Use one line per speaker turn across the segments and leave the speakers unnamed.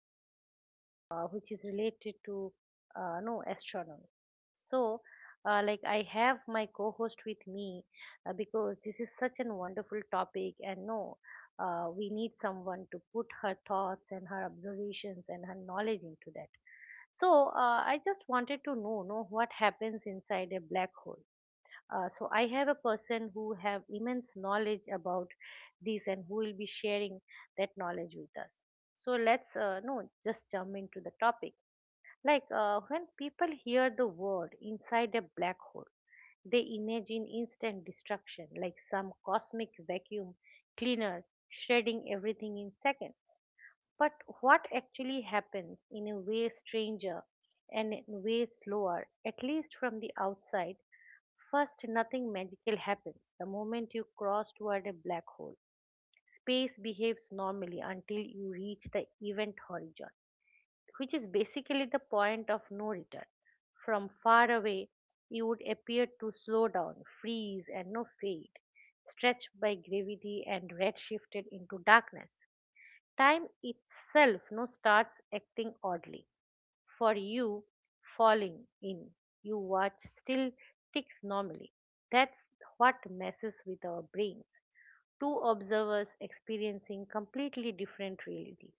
like no, which is related to no astronomy. So, I have my co-host with me because this is such an wonderful topic, and no, we need someone to put her thoughts and her observations and her knowledge into that. So I just wanted to know what happens inside a black hole. So I have a person who have immense knowledge about this and who will be sharing that knowledge with us. So let's no just jump into the topic. When people hear the word inside a black hole, they imagine instant destruction, like some cosmic vacuum cleaner shredding everything in seconds. But what actually happens in a way stranger and in a way slower, at least from the outside. First, nothing magical happens the moment you cross toward a black hole. Space behaves normally until you reach the event horizon, which is basically the point of no return. From far away, you would appear to slow down, freeze, and no fade, stretched by gravity and redshifted into darkness. Time itself now starts acting oddly for you falling in. You watch still ticks normally. That's what messes with our brains. Two observers experiencing completely different realities.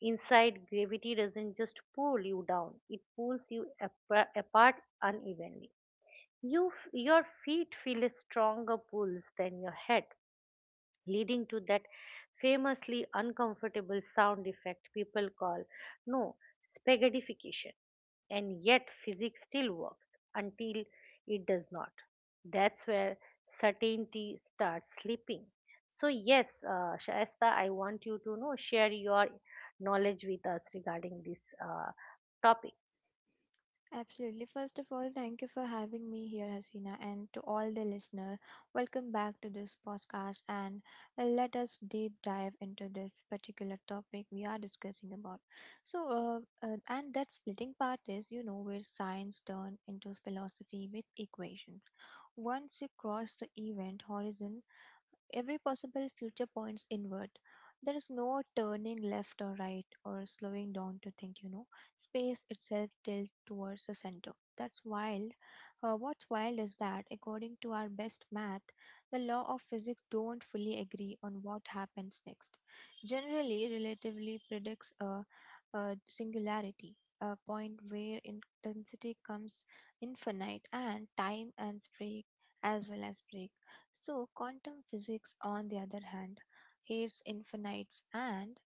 Inside, gravity doesn't just pull you down, it pulls you apart unevenly. Your feet feel a stronger pulse than your head, leading to that famously uncomfortable sound effect people call no spaghettification. And yet physics still works until it does not. That's where certainty starts sleeping. So yes, Shaista, I want you to know share your knowledge with us regarding this uh, topic.
Absolutely. First of all, thank you for having me here, Hasina, and to all the listener. Welcome back to this podcast, and let us deep dive into this particular topic we are discussing about. So, and that splitting part is, you know, where science turns into philosophy with equations. Once you cross the event horizon, every possible future points inward. There is no turning left or right or slowing down to think, you know. Space itself tilts towards the center. That's wild. What's wild is that, according to our best math, the law of physics don't fully agree on what happens next. Generally, relativity predicts a singularity, a point where intensity comes infinite and time and break as well as break. So, quantum physics, on the other hand, hates infinites and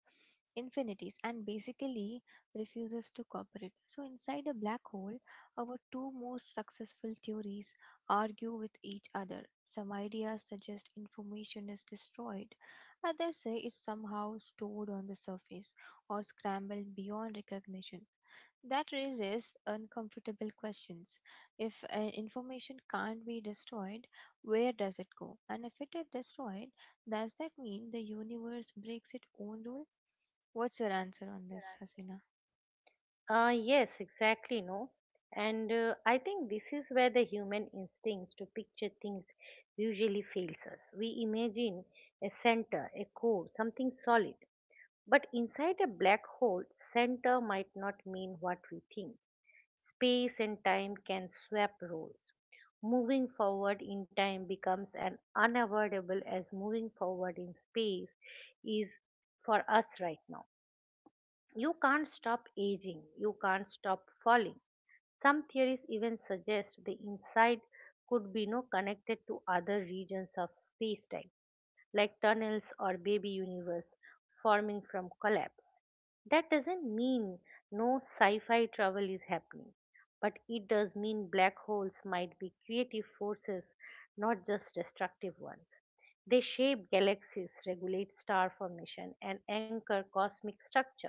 infinities and basically refuses to cooperate. So, inside a black hole, our two most successful theories argue with each other. Some ideas suggest information is destroyed, others say it's somehow stored on the surface or scrambled beyond recognition. That raises uncomfortable questions. If information can't be destroyed, where does it go? And if it is destroyed, does that mean the universe breaks its own rule? What's your answer on this, Hasina?
Yes, exactly, no. And I think this is where the human instincts to picture things usually fails us. We imagine a center, a core, something solid. But inside a black hole, center might not mean what we think. Space and time can swap roles. Moving forward in time becomes an unavoidable as moving forward in space is for us right now. You can't stop aging, you can't stop falling. Some theories even suggest the inside could be no connected to other regions of spacetime, like tunnels or baby universe forming from collapse. That doesn't mean no sci-fi travel is happening, but it does mean black holes might be creative forces, not just destructive ones. They shape galaxies, regulate star formation, and anchor cosmic structure.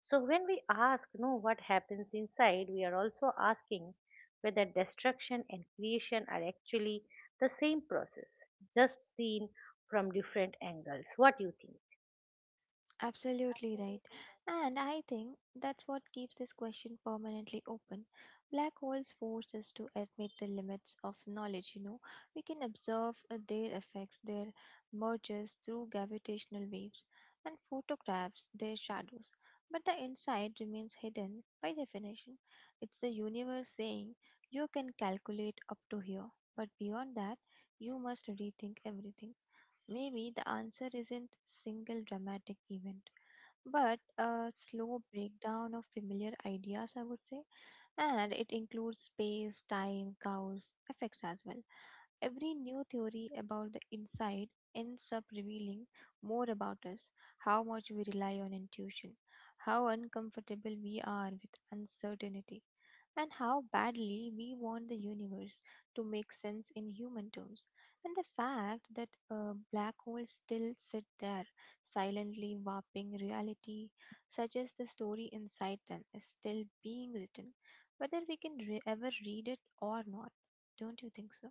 So when we ask, you know, what happens inside, we are also asking whether destruction and creation are actually the same process, just seen from different angles. What do you think?
Absolutely right.
Absolutely right.
And I think that's what keeps this question permanently open. Black holes force us to admit the limits of knowledge, you know. We can observe their effects, their mergers through gravitational waves, and photographs their shadows. But the inside remains hidden by definition. It's the universe saying you can calculate up to here, but beyond that, you must rethink everything. Maybe the answer isn't single dramatic event, but a slow breakdown of familiar ideas, I would say, and it includes space, time, cows, effects as well. Every new theory about the inside ends up revealing more about us, how much we rely on intuition, how uncomfortable we are with uncertainty, and how badly we want the universe to make sense in human terms. And the fact that black holes still sit there, silently warping reality, suggests the story inside them is still being written whether we can ever read it or not. Don't you think so?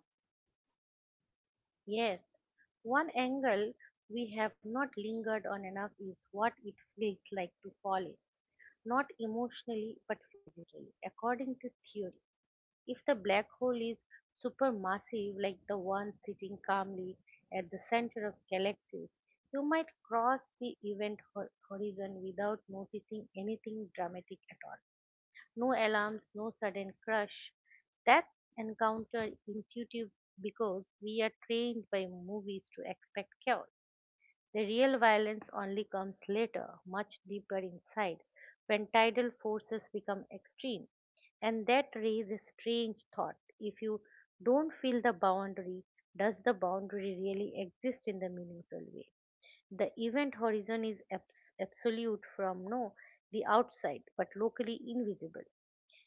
Yes, one angle we have not lingered on enough is what it feels like to fall in, not emotionally but physically, according to theory. If the black hole is supermassive, like the one sitting calmly at the center of galaxies, you might cross the event horizon without noticing anything dramatic at all. No alarms, no sudden crush. That encounter intuitive because we are trained by movies to expect chaos. The real violence only comes later, much deeper inside, when tidal forces become extreme. And that raises a strange thought. If you don't feel the boundary, does the boundary really exist in the meaningful way? The event horizon is absolute from no, the outside, but locally invisible.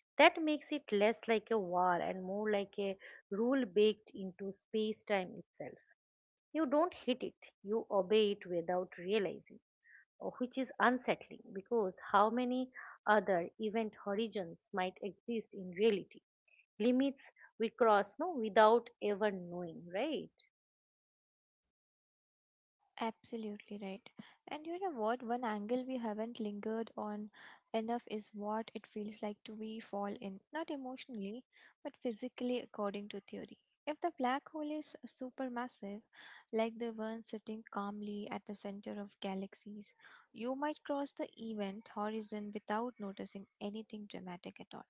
That makes it less like a war and more like a rule baked into space time itself. You don't hit it, you obey it without realizing, or which is unsettling because how many other event horizons might exist in reality? Limits we cross without ever knowing, right?
Absolutely right. And you know what? One angle we haven't lingered on enough is what it feels like to be fall in, not emotionally, but physically, according to theory. If the black hole is supermassive, like the one sitting calmly at the center of galaxies, you might cross the event horizon without noticing anything dramatic at all.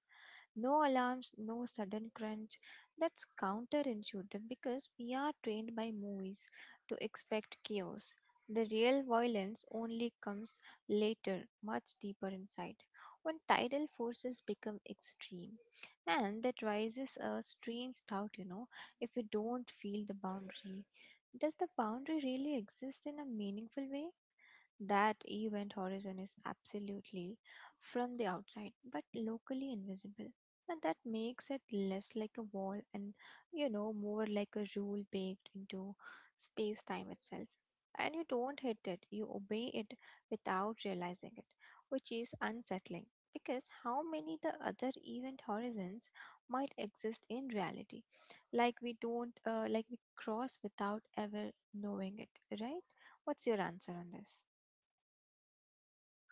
No alarms, no sudden crunch. That's counterintuitive because we are trained by movies to expect chaos. The real violence only comes later, much deeper inside, when tidal forces become extreme. And that raises a strange thought, you know, if you don't feel the boundary. Does the boundary really exist in a meaningful way? That event horizon is absolutely from the outside but locally invisible. And that makes it less like a wall and, you know, more like a rule baked into space time itself. And you don't hit it, you obey it without realizing it, which is unsettling. Because how many the other event horizons might exist in reality? Like we cross without ever knowing it, right? What's your answer on this?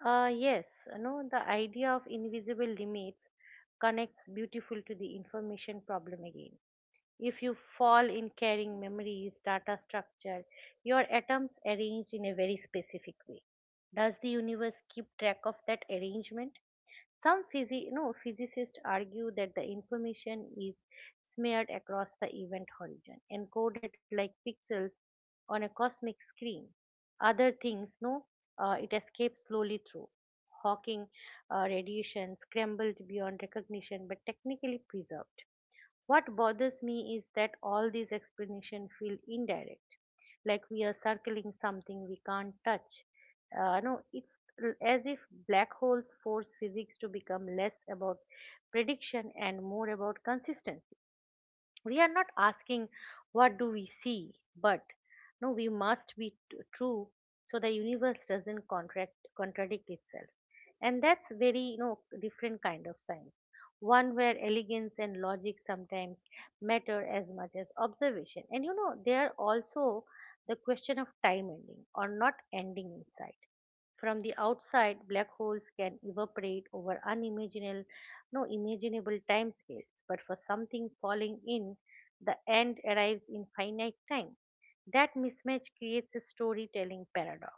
Yes, you know, the idea of invisible limits connects beautiful to the information problem again. If you fall in carrying memories data structure, your atoms arranged in a very specific way, does the universe keep track of that arrangement? Some physi- no, physicists argue that the information is smeared across the event horizon, encoded like pixels on a cosmic screen. Other things, no, it escapes slowly through Hawking radiation, scrambled beyond recognition but technically preserved. What bothers me is that all these explanations feel indirect, like we are circling something we can't touch. No, it's as if black holes force physics to become less about prediction and more about consistency. We are not asking what do we see, but no we must be true, so the universe doesn't contract contradict itself. And that's very, you know, different kind of science, one where elegance and logic sometimes matter as much as observation. And you know, there are also the question of time ending or not ending in science. From the outside, black holes can evaporate over unimaginable, no imaginable timescales, but for something falling in, the end arrives in finite time. That mismatch creates a storytelling paradox.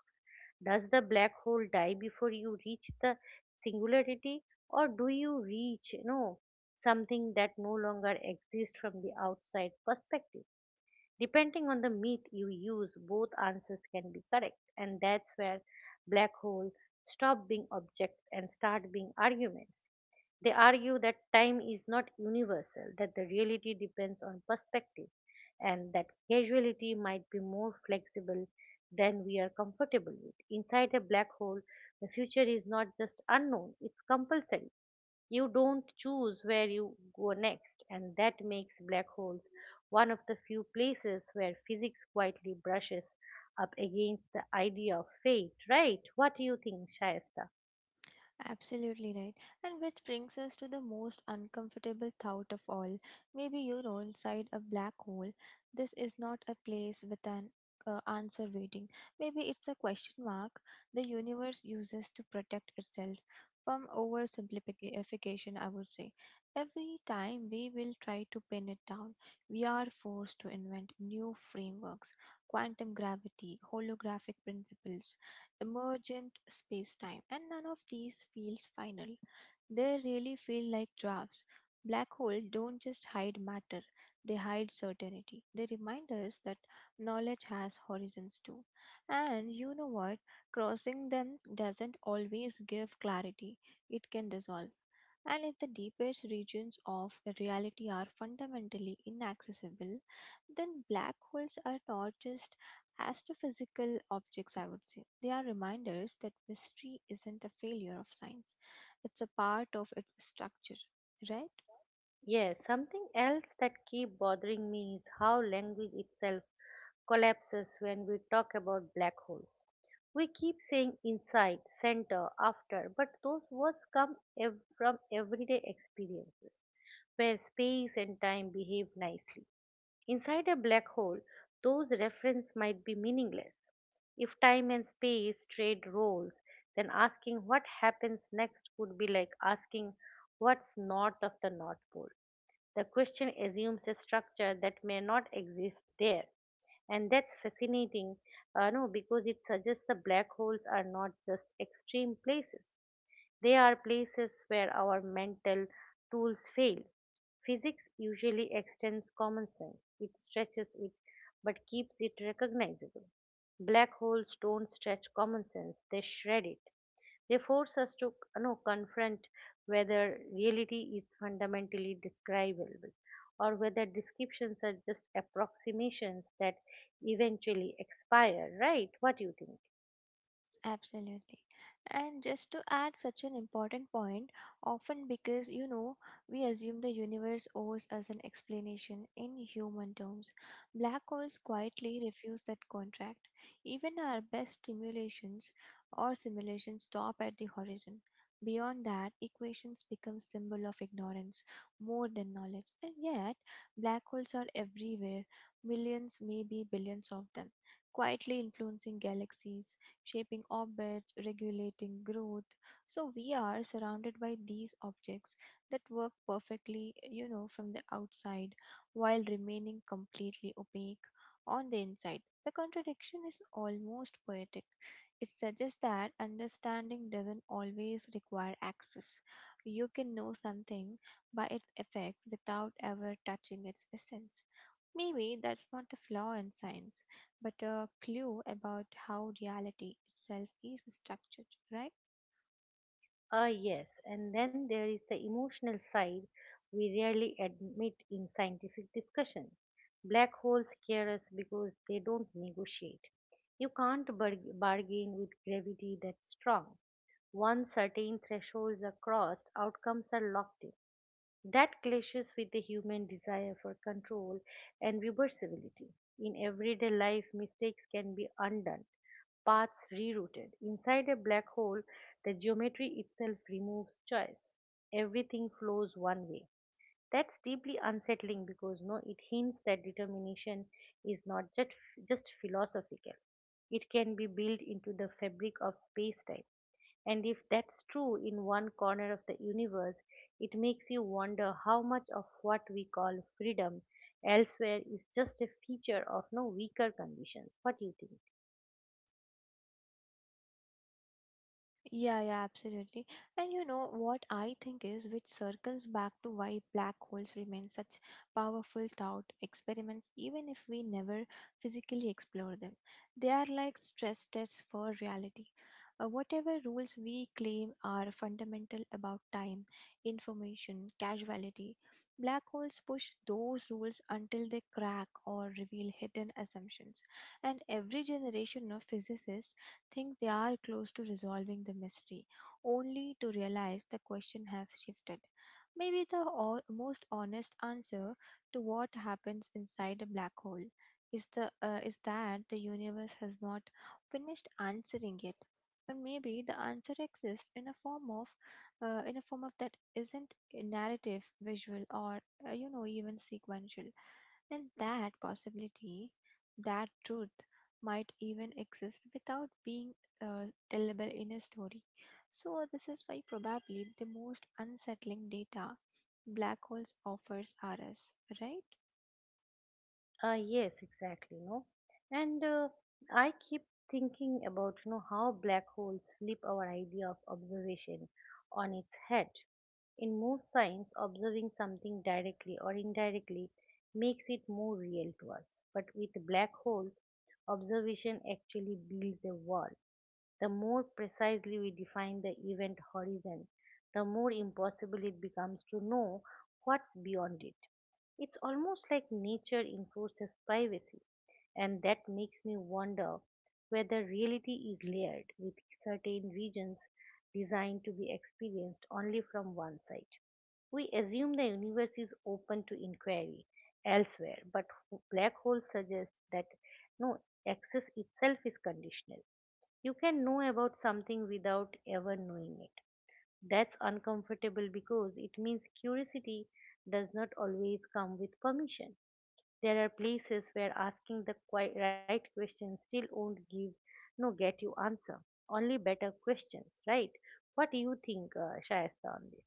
Does the black hole die before you reach the singularity, or do you reach, you know, something that no longer exists from the outside perspective? Depending on the myth you use, both answers can be correct, and that's where black holes stop being objects and start being arguments. They argue that time is not universal, that the reality depends on perspective, and that causality might be more flexible than we are comfortable with. Inside a black hole, the future is not just unknown, it's compulsory. You don't choose where you go next, and that makes black holes one of the few places where physics quietly brushes up against the idea of fate, right? What do you think, Shayesta?
Absolutely right. And which brings us to the most uncomfortable thought of all. Maybe you're inside a black hole. This is not a place with an answer waiting. Maybe it's a question mark the universe uses to protect itself from oversimplification, I would say. Every time we will try to pin it down, we are forced to invent new frameworks, quantum gravity, holographic principles, emergent spacetime, and none of these feels final. They really feel like drafts. Black holes don't just hide matter, they hide certainty. They remind us that knowledge has horizons too. And you know what? Crossing them doesn't always give clarity, it can dissolve. And if the deepest regions of reality are fundamentally inaccessible, then black holes are not just astrophysical objects, I would say. They are reminders that mystery isn't a failure of science, it's a part of its structure, right?
Yes, something else that keep bothering me is how language itself collapses when we talk about black holes. We keep saying inside, center, after, but those words come from everyday experiences where space and time behave nicely. Inside a black hole, those references might be meaningless. If time and space trade roles, then asking what happens next would be like asking what's north of the North Pole. The question assumes a structure that may not exist there. And that's fascinating, no, because it suggests the black holes are not just extreme places. They are places where our mental tools fail. Physics usually extends common sense, it stretches it but keeps it recognizable. Black holes don't stretch common sense, they shred it. They force us to, you know, confront whether reality is fundamentally describable or whether descriptions are just approximations that eventually expire, right? What do you think?
Absolutely. And just to add such an important point, often because you know, we assume the universe owes us an explanation in human terms. Black holes quietly refuse that contract. Even our best stimulations or simulations stop at the horizon. Beyond that, equations become symbol of ignorance more than knowledge. And yet, black holes are everywhere, millions, maybe billions of them, quietly influencing galaxies shaping orbits, regulating growth. So we are surrounded by these objects that work perfectly, you know, from the outside while remaining completely opaque on the inside. The contradiction is almost poetic. It suggests that understanding doesn't always require access. You can know something by its effects without ever touching its essence. Maybe that's not a flaw in science, but a clue about how reality itself is structured, right?
Ah, yes, and then there is the emotional side we rarely admit in scientific discussion. Black holes scare us because they don't negotiate. You can't bargain with gravity that's strong. Once certain thresholds are crossed, outcomes are locked in. That clashes with the human desire for control and reversibility. In everyday life, mistakes can be undone, paths rerouted. Inside a black hole, the geometry itself removes choice. Everything flows one way. That's deeply unsettling because no, it hints that determination is not just, just philosophical. It can be built into the fabric of space time. And if that's true in one corner of the universe, it makes you wonder how much of what we call freedom elsewhere is just a feature of no weaker conditions. What do you think?
Yeah, absolutely. And you know what I think is, which circles back to why black holes remain such powerful thought experiments, even if we never physically explore them. They are like stress tests for reality. Whatever rules we claim are fundamental about time, information, causality, black holes push those rules until they crack or reveal hidden assumptions. And every generation of physicists think they are close to resolving the mystery, only to realize the question has shifted. Maybe the most honest answer to what happens inside a black hole is that the universe has not finished answering yet. And maybe the answer exists in a form of, that isn't narrative, visual, or you know even sequential. And that possibility, that truth might even exist without being tellable in a story. So, this is why probably the most unsettling data black holes offers are us, right?
Yes, exactly, no. And I keep thinking about, you know, how black holes flip our idea of observation on its head. In most science, observing something directly or indirectly makes it more real to us. But with black holes, observation actually builds a wall. The more precisely we define the event horizon, the more impossible it becomes to know what's beyond it. It's almost like nature enforces privacy, and that makes me wonder whether reality is layered with certain regions designed to be experienced only from one side. We assume the universe is open to inquiry elsewhere, but black holes suggest that no access itself is conditional. You can know about something without ever knowing it. That's uncomfortable because it means curiosity does not always come with permission. There are places where asking the right question still won't give no get you answer. Only better questions, right? What do you think, Shayasta, on this?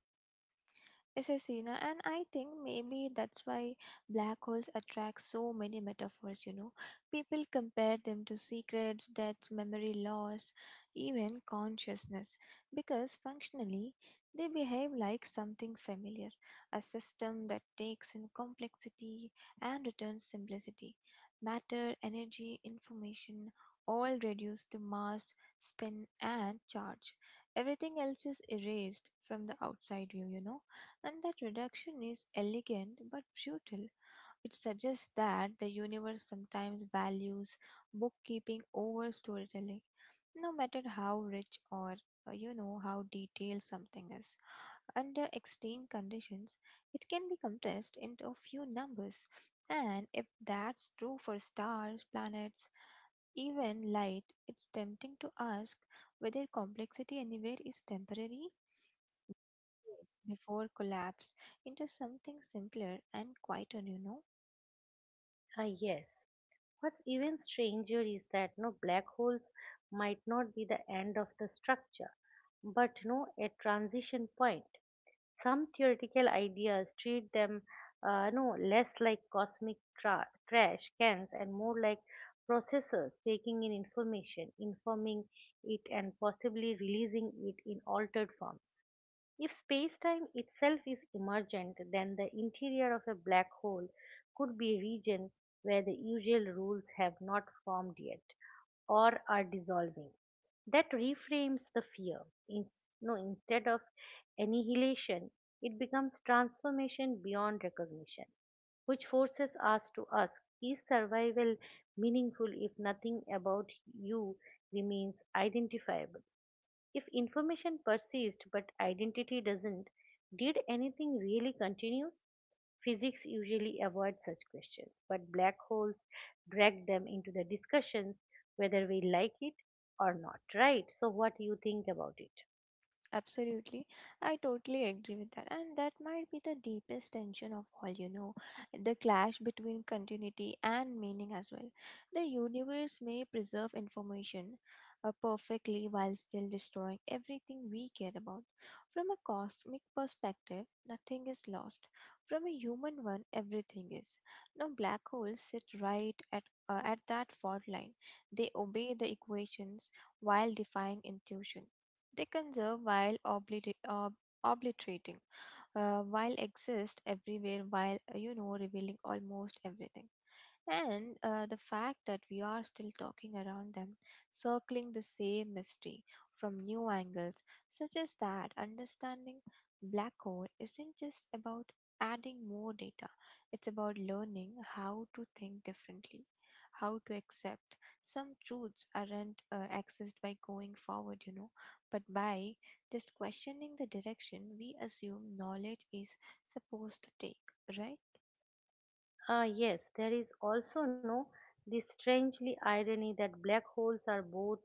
Yes, yes, Sina, and I think maybe that's why black holes attract so many metaphors, you know. People compare them to secrets, deaths, memory loss, even consciousness, because functionally they behave like something familiar, a system that takes in complexity and returns simplicity. Matter, energy, information, all reduced to mass, spin, and charge. Everything else is erased from the outside view, you know. And that reduction is elegant but brutal. It suggests that the universe sometimes values bookkeeping over storytelling, no matter how rich or you know how detailed something is. Under extreme conditions, it can be compressed into a few numbers. And if that's true for stars, planets, even light, it's tempting to ask whether complexity anywhere is temporary decades before collapse into something simpler and quieter, you know.
Ah, yes. What's even stranger is that black holes might not be the end of the structure, but no a transition point. Some theoretical ideas treat them no less like cosmic trash cans and more like processors taking in information, informing it, and possibly releasing it in altered forms. If space-time itself is emergent, then the interior of a black hole could be a region where the usual rules have not formed yet or are dissolving. That reframes the fear. In, no, Instead of annihilation, it becomes transformation beyond recognition, which forces us to ask, is survival meaningful if nothing about you remains identifiable? If information persists but identity doesn't, did anything really continue? Physics usually avoids such questions, but black holes drag them into the discussions whether we like it or not, right? So, what do you think about it?
Absolutely. I totally agree with that. And that might be the deepest tension of all, you know, the clash between continuity and meaning as well. The universe may preserve information perfectly while still destroying everything we care about. From a cosmic perspective, nothing is lost. From a human one, everything is. Now, black holes sit right at that fault line. They obey the equations while defying intuition. They conserve while obliterating, while exist everywhere, while you know revealing almost everything. And the fact that we are still talking around them, circling the same mystery from new angles, suggests that understanding black hole isn't just about adding more data, it's about learning how to think differently, how to accept some truths aren't accessed by going forward, you know, but by just questioning the direction we assume knowledge is supposed to take, right?
Ah, yes, there is also no The strangely irony that black holes are both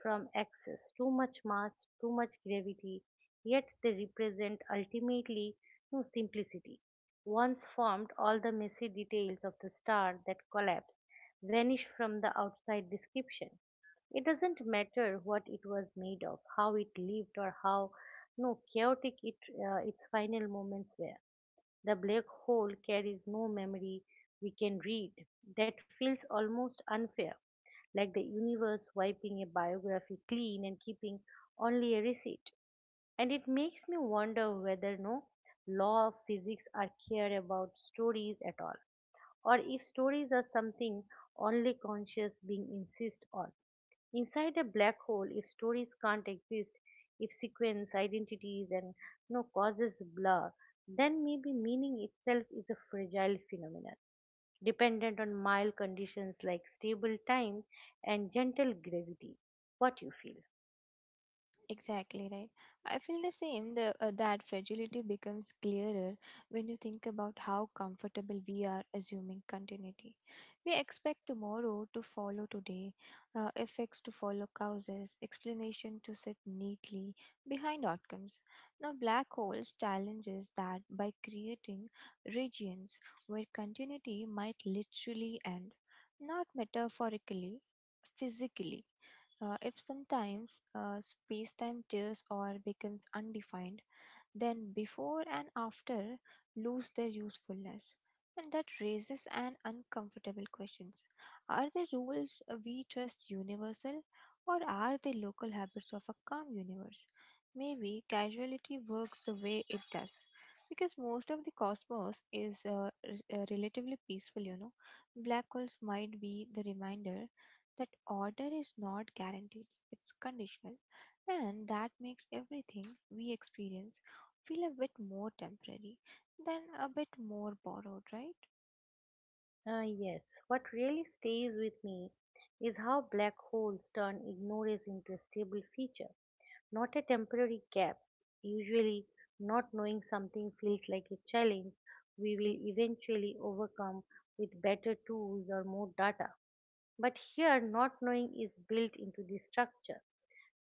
from excess, too much mass, too much gravity, yet they represent ultimately no simplicity. Once formed, all the messy details of the star that collapsed vanish from the outside description. It doesn't matter what it was made of, how it lived, or how no chaotic it, its final moments were the black hole carries no memory we can read. That feels almost unfair, like the universe wiping a biography clean and keeping only a receipt. And it makes me wonder whether no law of physics are cared about stories at all, or if stories are something only conscious being insist on. Inside a black hole, if stories can't exist, if sequence, identities, and no causes blur, then maybe meaning itself is a fragile phenomenon, dependent on mild conditions like stable time and gentle gravity. What you feel?
Exactly right. I feel the same. The that fragility becomes clearer when you think about how comfortable we are assuming continuity. We expect tomorrow to follow today, effects to follow causes, explanation to sit neatly behind outcomes. Now, black holes challenges that by creating regions where continuity might literally end, not metaphorically, physically. If sometimes space time tears or becomes undefined, then before and after lose their usefulness. And that raises an uncomfortable questions. Are the rules we trust universal or are they local habits of a calm universe? Maybe casuality works the way it does because most of the cosmos is relatively peaceful, you know. Black holes might be the reminder that order is not guaranteed, it's conditional, and that makes everything we experience feel a bit more temporary than a bit more borrowed, right?
Ah, yes. What really stays with me is how black holes turn ignorance into a stable feature, not a temporary gap. Usually, not knowing something feels like a challenge we will eventually overcome with better tools or more data. But here, not knowing is built into the structure.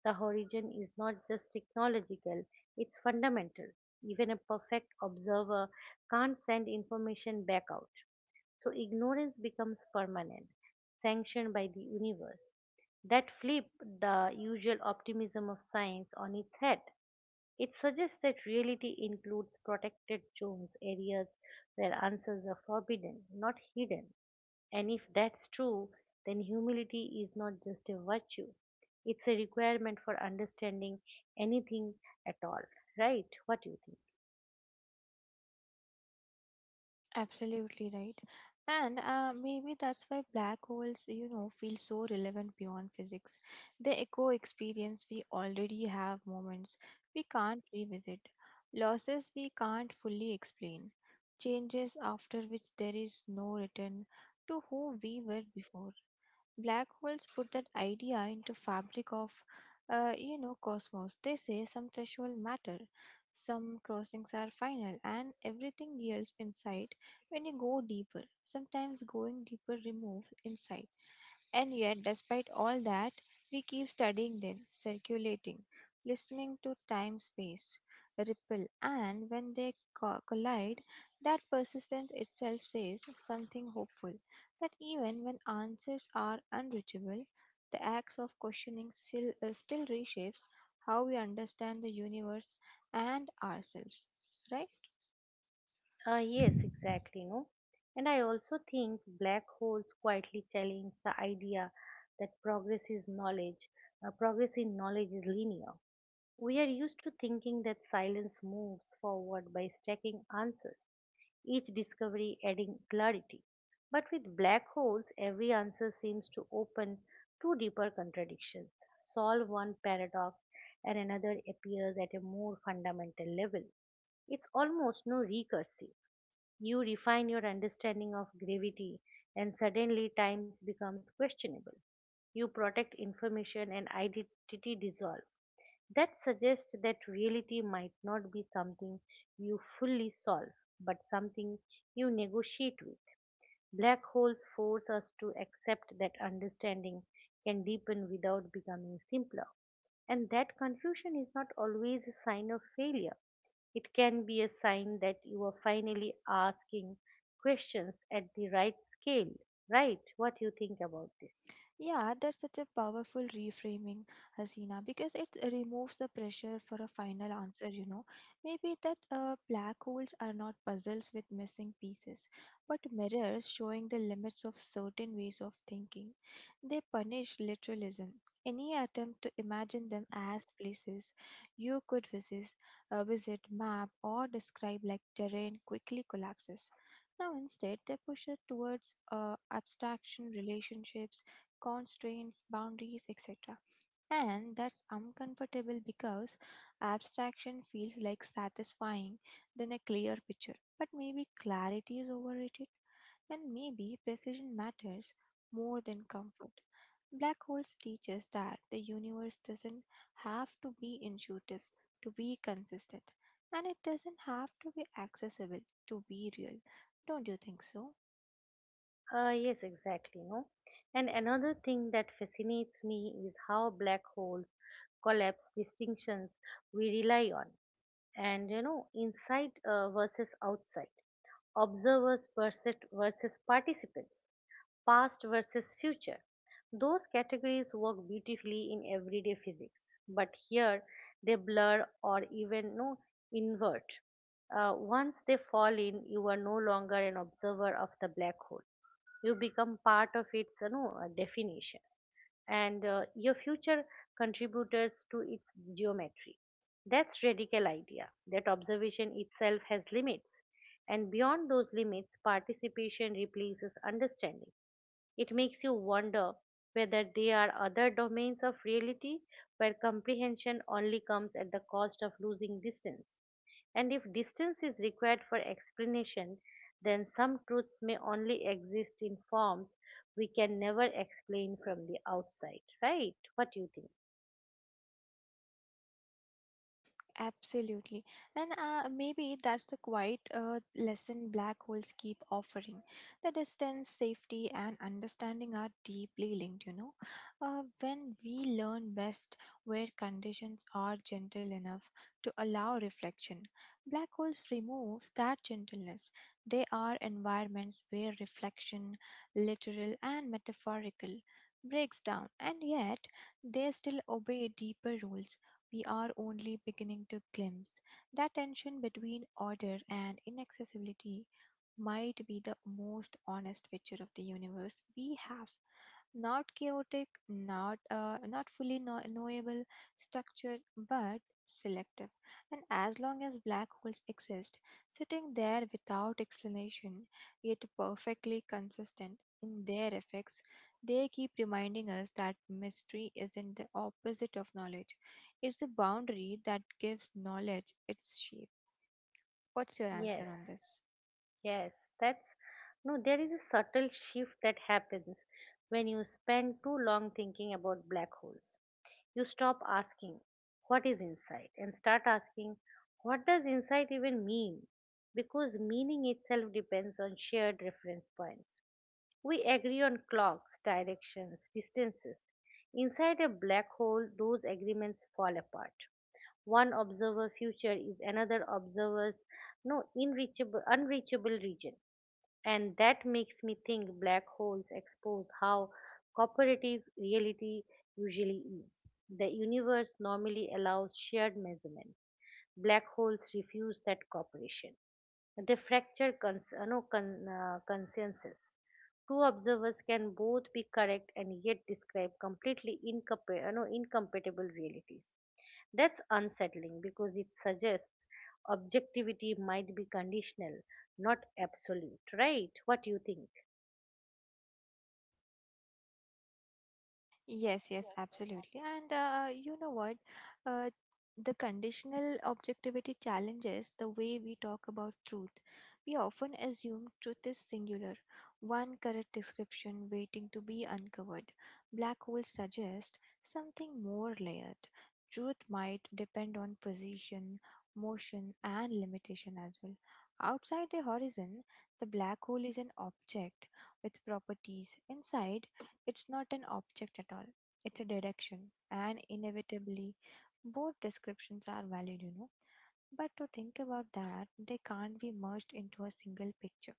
The horizon is not just technological, it's fundamental. Even a perfect observer can't send information back out. So ignorance becomes permanent, sanctioned by the universe. That flip the usual optimism of science on its head. It suggests that reality includes protected zones, areas where answers are forbidden, not hidden. And if that's true, then humility is not just a virtue, it's a requirement for understanding anything at all. Right? What do you think?
Absolutely right. And maybe that's why black holes, you know, feel so relevant beyond physics. They echo experience we already have moments we can't revisit, losses we can't fully explain, changes after which there is no return to who we were before. Black holes put that idea into fabric of cosmos. They say some threshold matter, some crossings are final and everything else inside. When you go deeper, sometimes going deeper removes insight. And yet, despite all that, we keep studying them, circulating, listening to time space ripple, and when they collide, that persistence itself says something hopeful, that even when answers are unreachable, the acts of questioning still, still reshapes how we understand the universe and ourselves, right?
Yes, exactly, no. And I also think black holes quietly challenge the idea that progress is knowledge, progress in knowledge is linear. We are used to thinking that silence moves forward by stacking answers, each discovery adding clarity. But with black holes, every answer seems to open two deeper contradictions, solve one paradox, and another appears at a more fundamental level. It's almost no recursive. You refine your understanding of gravity, and suddenly times becomes questionable. You protect information and identity dissolve. That suggests that reality might not be something you fully solve, but something you negotiate with. Black holes force us to accept that understanding can deepen without becoming simpler. And that confusion is not always a sign of failure. It can be a sign that you are finally asking questions at the right scale, right? What you think about this?
Yeah, that's such a powerful reframing, Hasina, because it removes the pressure for a final answer. Maybe that black holes are not puzzles with missing pieces, but mirrors showing the limits of certain ways of thinking. They punish literalism. Any attempt to imagine them as places you could visit, visit, map, or describe like terrain quickly collapses. Now, instead, they push it towards abstraction, relationships, constraints, boundaries, etc. And that's uncomfortable because abstraction feels like satisfying than a clear picture. But maybe clarity is overrated, and maybe precision matters more than comfort. Black holes teach us that the universe doesn't have to be intuitive to be consistent, and it doesn't have to be accessible to be real. Don't you think so?
Yes, exactly. No, and another thing that fascinates me is how black holes collapse distinctions we rely on. And you know, inside versus outside, observers versus, participants, past versus future. Those categories work beautifully in everyday physics, but here they blur or even no invert. Once they fall in, you are no longer an observer of the black hole, you become part of its, you know, definition, and your future contributors to its geometry. That's radical idea, that observation itself has limits, and beyond those limits participation replaces understanding. It makes you wonder whether there are other domains of reality where comprehension only comes at the cost of losing distance. And if distance is required for explanation, then some truths may only exist in forms we can never explain from the outside, right? What do you think?
Absolutely. And maybe that's the quiet lesson black holes keep offering. The distance, safety, and understanding are deeply linked. When we learn best where conditions are gentle enough to allow reflection, black holes removes that gentleness. They are environments where reflection, literal and metaphorical, breaks down, and yet they still obey deeper rules we are only beginning to glimpse. That tension between order and inaccessibility might be the most honest picture of the universe we have. Not chaotic, not not fully knowable, structured, but selective. And as long as black holes exist, sitting there without explanation, yet perfectly consistent in their effects, they keep reminding us that mystery isn't the opposite of knowledge, is the boundary that gives knowledge its shape. What's your
Yes,
answer on this?
yes, that's no, there is a subtle shift that happens when you spend too long thinking about black holes. You stop asking what is insight and start asking what does insight even mean, because meaning itself depends on shared reference points. We agree on clocks, directions, distances. Inside a black hole those agreements fall apart. One observer future is another observer's no unreachable region. And that makes me think black holes expose how cooperative reality usually is. The universe normally allows shared measurement. Black holes refuse that cooperation. They fracture cons- no, con- consensus. Two observers can both be correct and yet describe completely incompa- no, incompatible realities. That's unsettling because it suggests objectivity might be conditional, not absolute, right? What do you think?
Yes, yes, absolutely. And what? Uh, the conditional objectivity challenges the way we talk about truth. We often assume truth is singular, one correct description waiting to be uncovered. Black holes suggest something more layered. Truth might depend on position, motion, and limitation as well. Outside the horizon, the black hole is an object with properties. Inside, it's not an object at all, it's a direction. And inevitably, both descriptions are valid. But to think about that, they can't be merged into a single picture.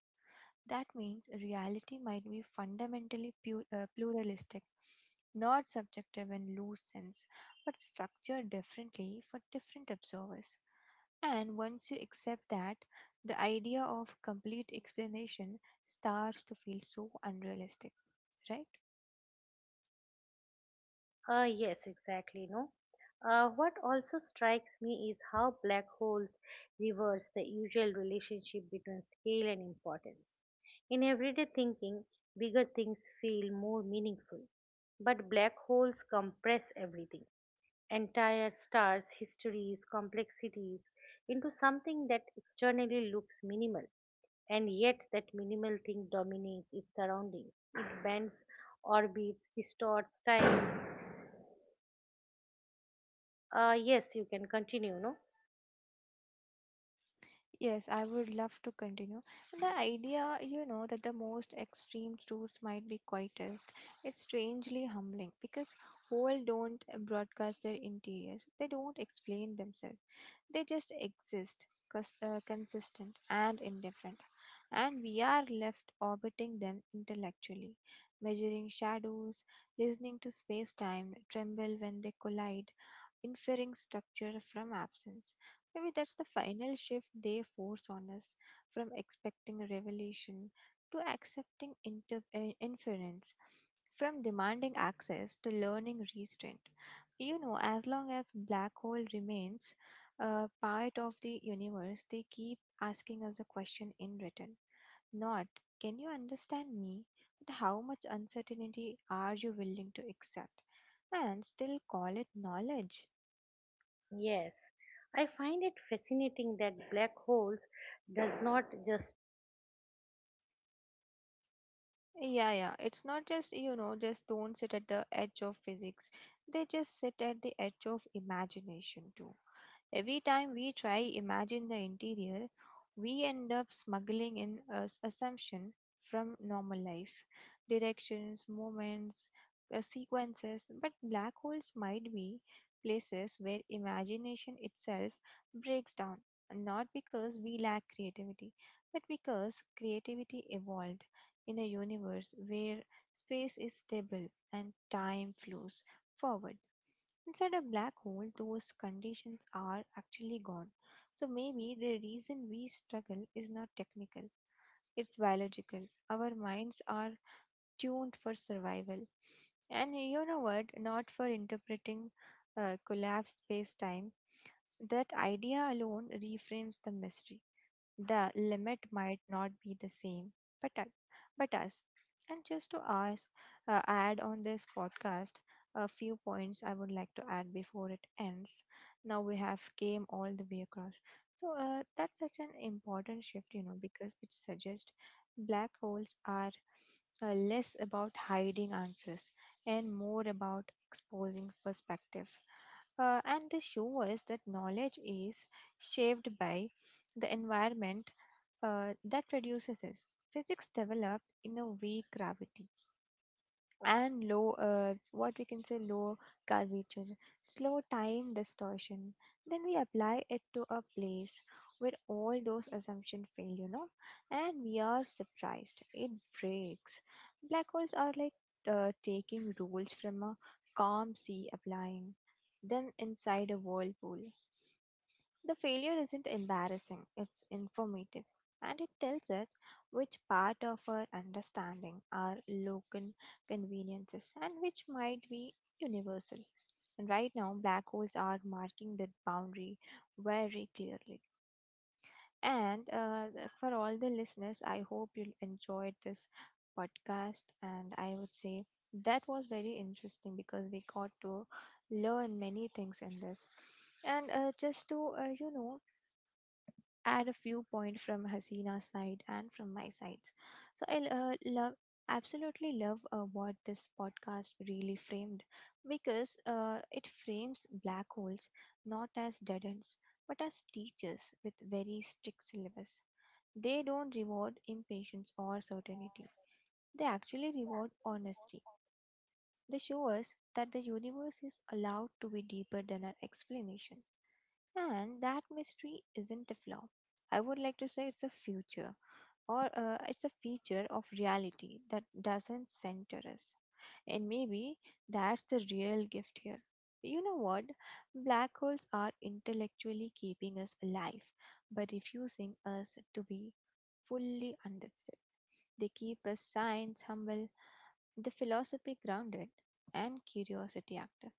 That means reality might be fundamentally pluralistic, not subjective in loose sense, but structured differently for different observers. And once you accept that, the idea of complete explanation starts to feel so unrealistic, right?
Yes, exactly. No. What also strikes me is how black holes reverse the usual relationship between scale and importance. In everyday thinking, bigger things feel more meaningful, but black holes compress everything, entire stars, histories, complexities, into something that externally looks minimal, and yet that minimal thing dominates its surroundings. It bends orbits, distorts time, yes, you can continue, no?
Yes, I would love to continue. And the idea that the most extreme truths might be quietest, it's strangely humbling because whole don't broadcast their interiors. They don't explain themselves. They just exist, consistent and indifferent. And we are left orbiting them intellectually, measuring shadows, listening to space time tremble when they collide, inferring structure from absence. Maybe that's the final shift they force on us, from expecting revelation to accepting inference, from demanding access to learning restraint. As long as black hole remains a part of the universe, they keep asking us a question in return. Not, can you understand me? But how much uncertainty are you willing to accept and still call it knowledge?
Yes. I find it fascinating that black holes does not just
Yeah, yeah. It's not just, just don't sit at the edge of physics. They just sit at the edge of imagination too. Every time we try imagine the interior, we end up smuggling in a assumption from normal life, directions, moments, sequences. But black holes might be places where imagination itself breaks down, not because we lack creativity, but because creativity evolved in a universe where space is stable and time flows forward. Inside a black hole, those conditions are actually gone. So maybe the reason we struggle is not technical, it's biological. Our minds are tuned for survival. And you know what? Not for interpreting collapsed space time. That idea alone reframes the mystery. The limit might not be the same, but but us. And just to ask, add on this podcast, a few points I would like to add before it ends. Now we have came all the way across. So that's such an important shift, because it suggests black holes are less about hiding answers and more about exposing perspective. And they show us that knowledge is shaped by the environment that reduces us. Physics developed in a weak gravity and low, what we can say, low curvature, slow time distortion. Then we apply it to a place where all those assumptions fail, and we are surprised. It breaks. Black holes are like taking rules from a calm sea, applying them inside a whirlpool. The failure isn't embarrassing, it's informative, and it tells us which part of our understanding are local conveniences and which might be universal. And right now, black holes are marking that boundary very clearly. And for all the listeners, I hope you enjoyed this podcast. And I would say that was very interesting because we got to learn many things in this. And just to, you know, add a few points from Hasina's side and from my side. So I love, absolutely love what this podcast really framed because it frames black holes not as dead ends but as teachers with very strict syllabus. They don't reward impatience or certainty. They actually reward honesty. They show us that the universe is allowed to be deeper than our explanation. And that mystery isn't a flaw. I would like to say it's a future or it's a feature of reality that doesn't center us. And maybe that's the real gift here. You know what? Black holes are intellectually keeping us alive, but refusing us to be fully understood. They keep us science humble, the philosophy grounded, and curiosity active.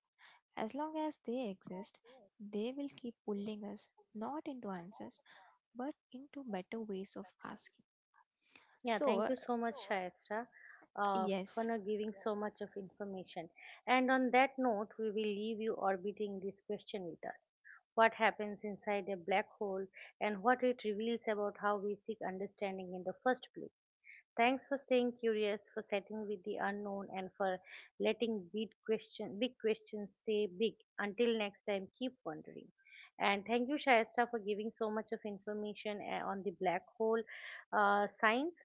As long as they exist, they will keep pulling us not into answers but into better ways of asking.
yeah, thank
So,
you so much, Shayestra, for
yes,
not giving so much of information. And on that note, we will leave you orbiting this question with us. What happens inside a black hole, and what it reveals about how we seek understanding in the first place? Thanks for staying curious, for setting with the unknown, and for letting big questions stay big. Until next time, keep wondering. And thank you, Shayesta, for giving so much of information on the black hole science.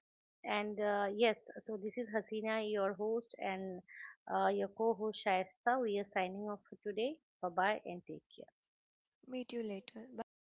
And yes, so this is Hasina, your host, and your co-host Shayesta. We are signing off for today. Bye bye, and take care.
meet you later. Bye bye.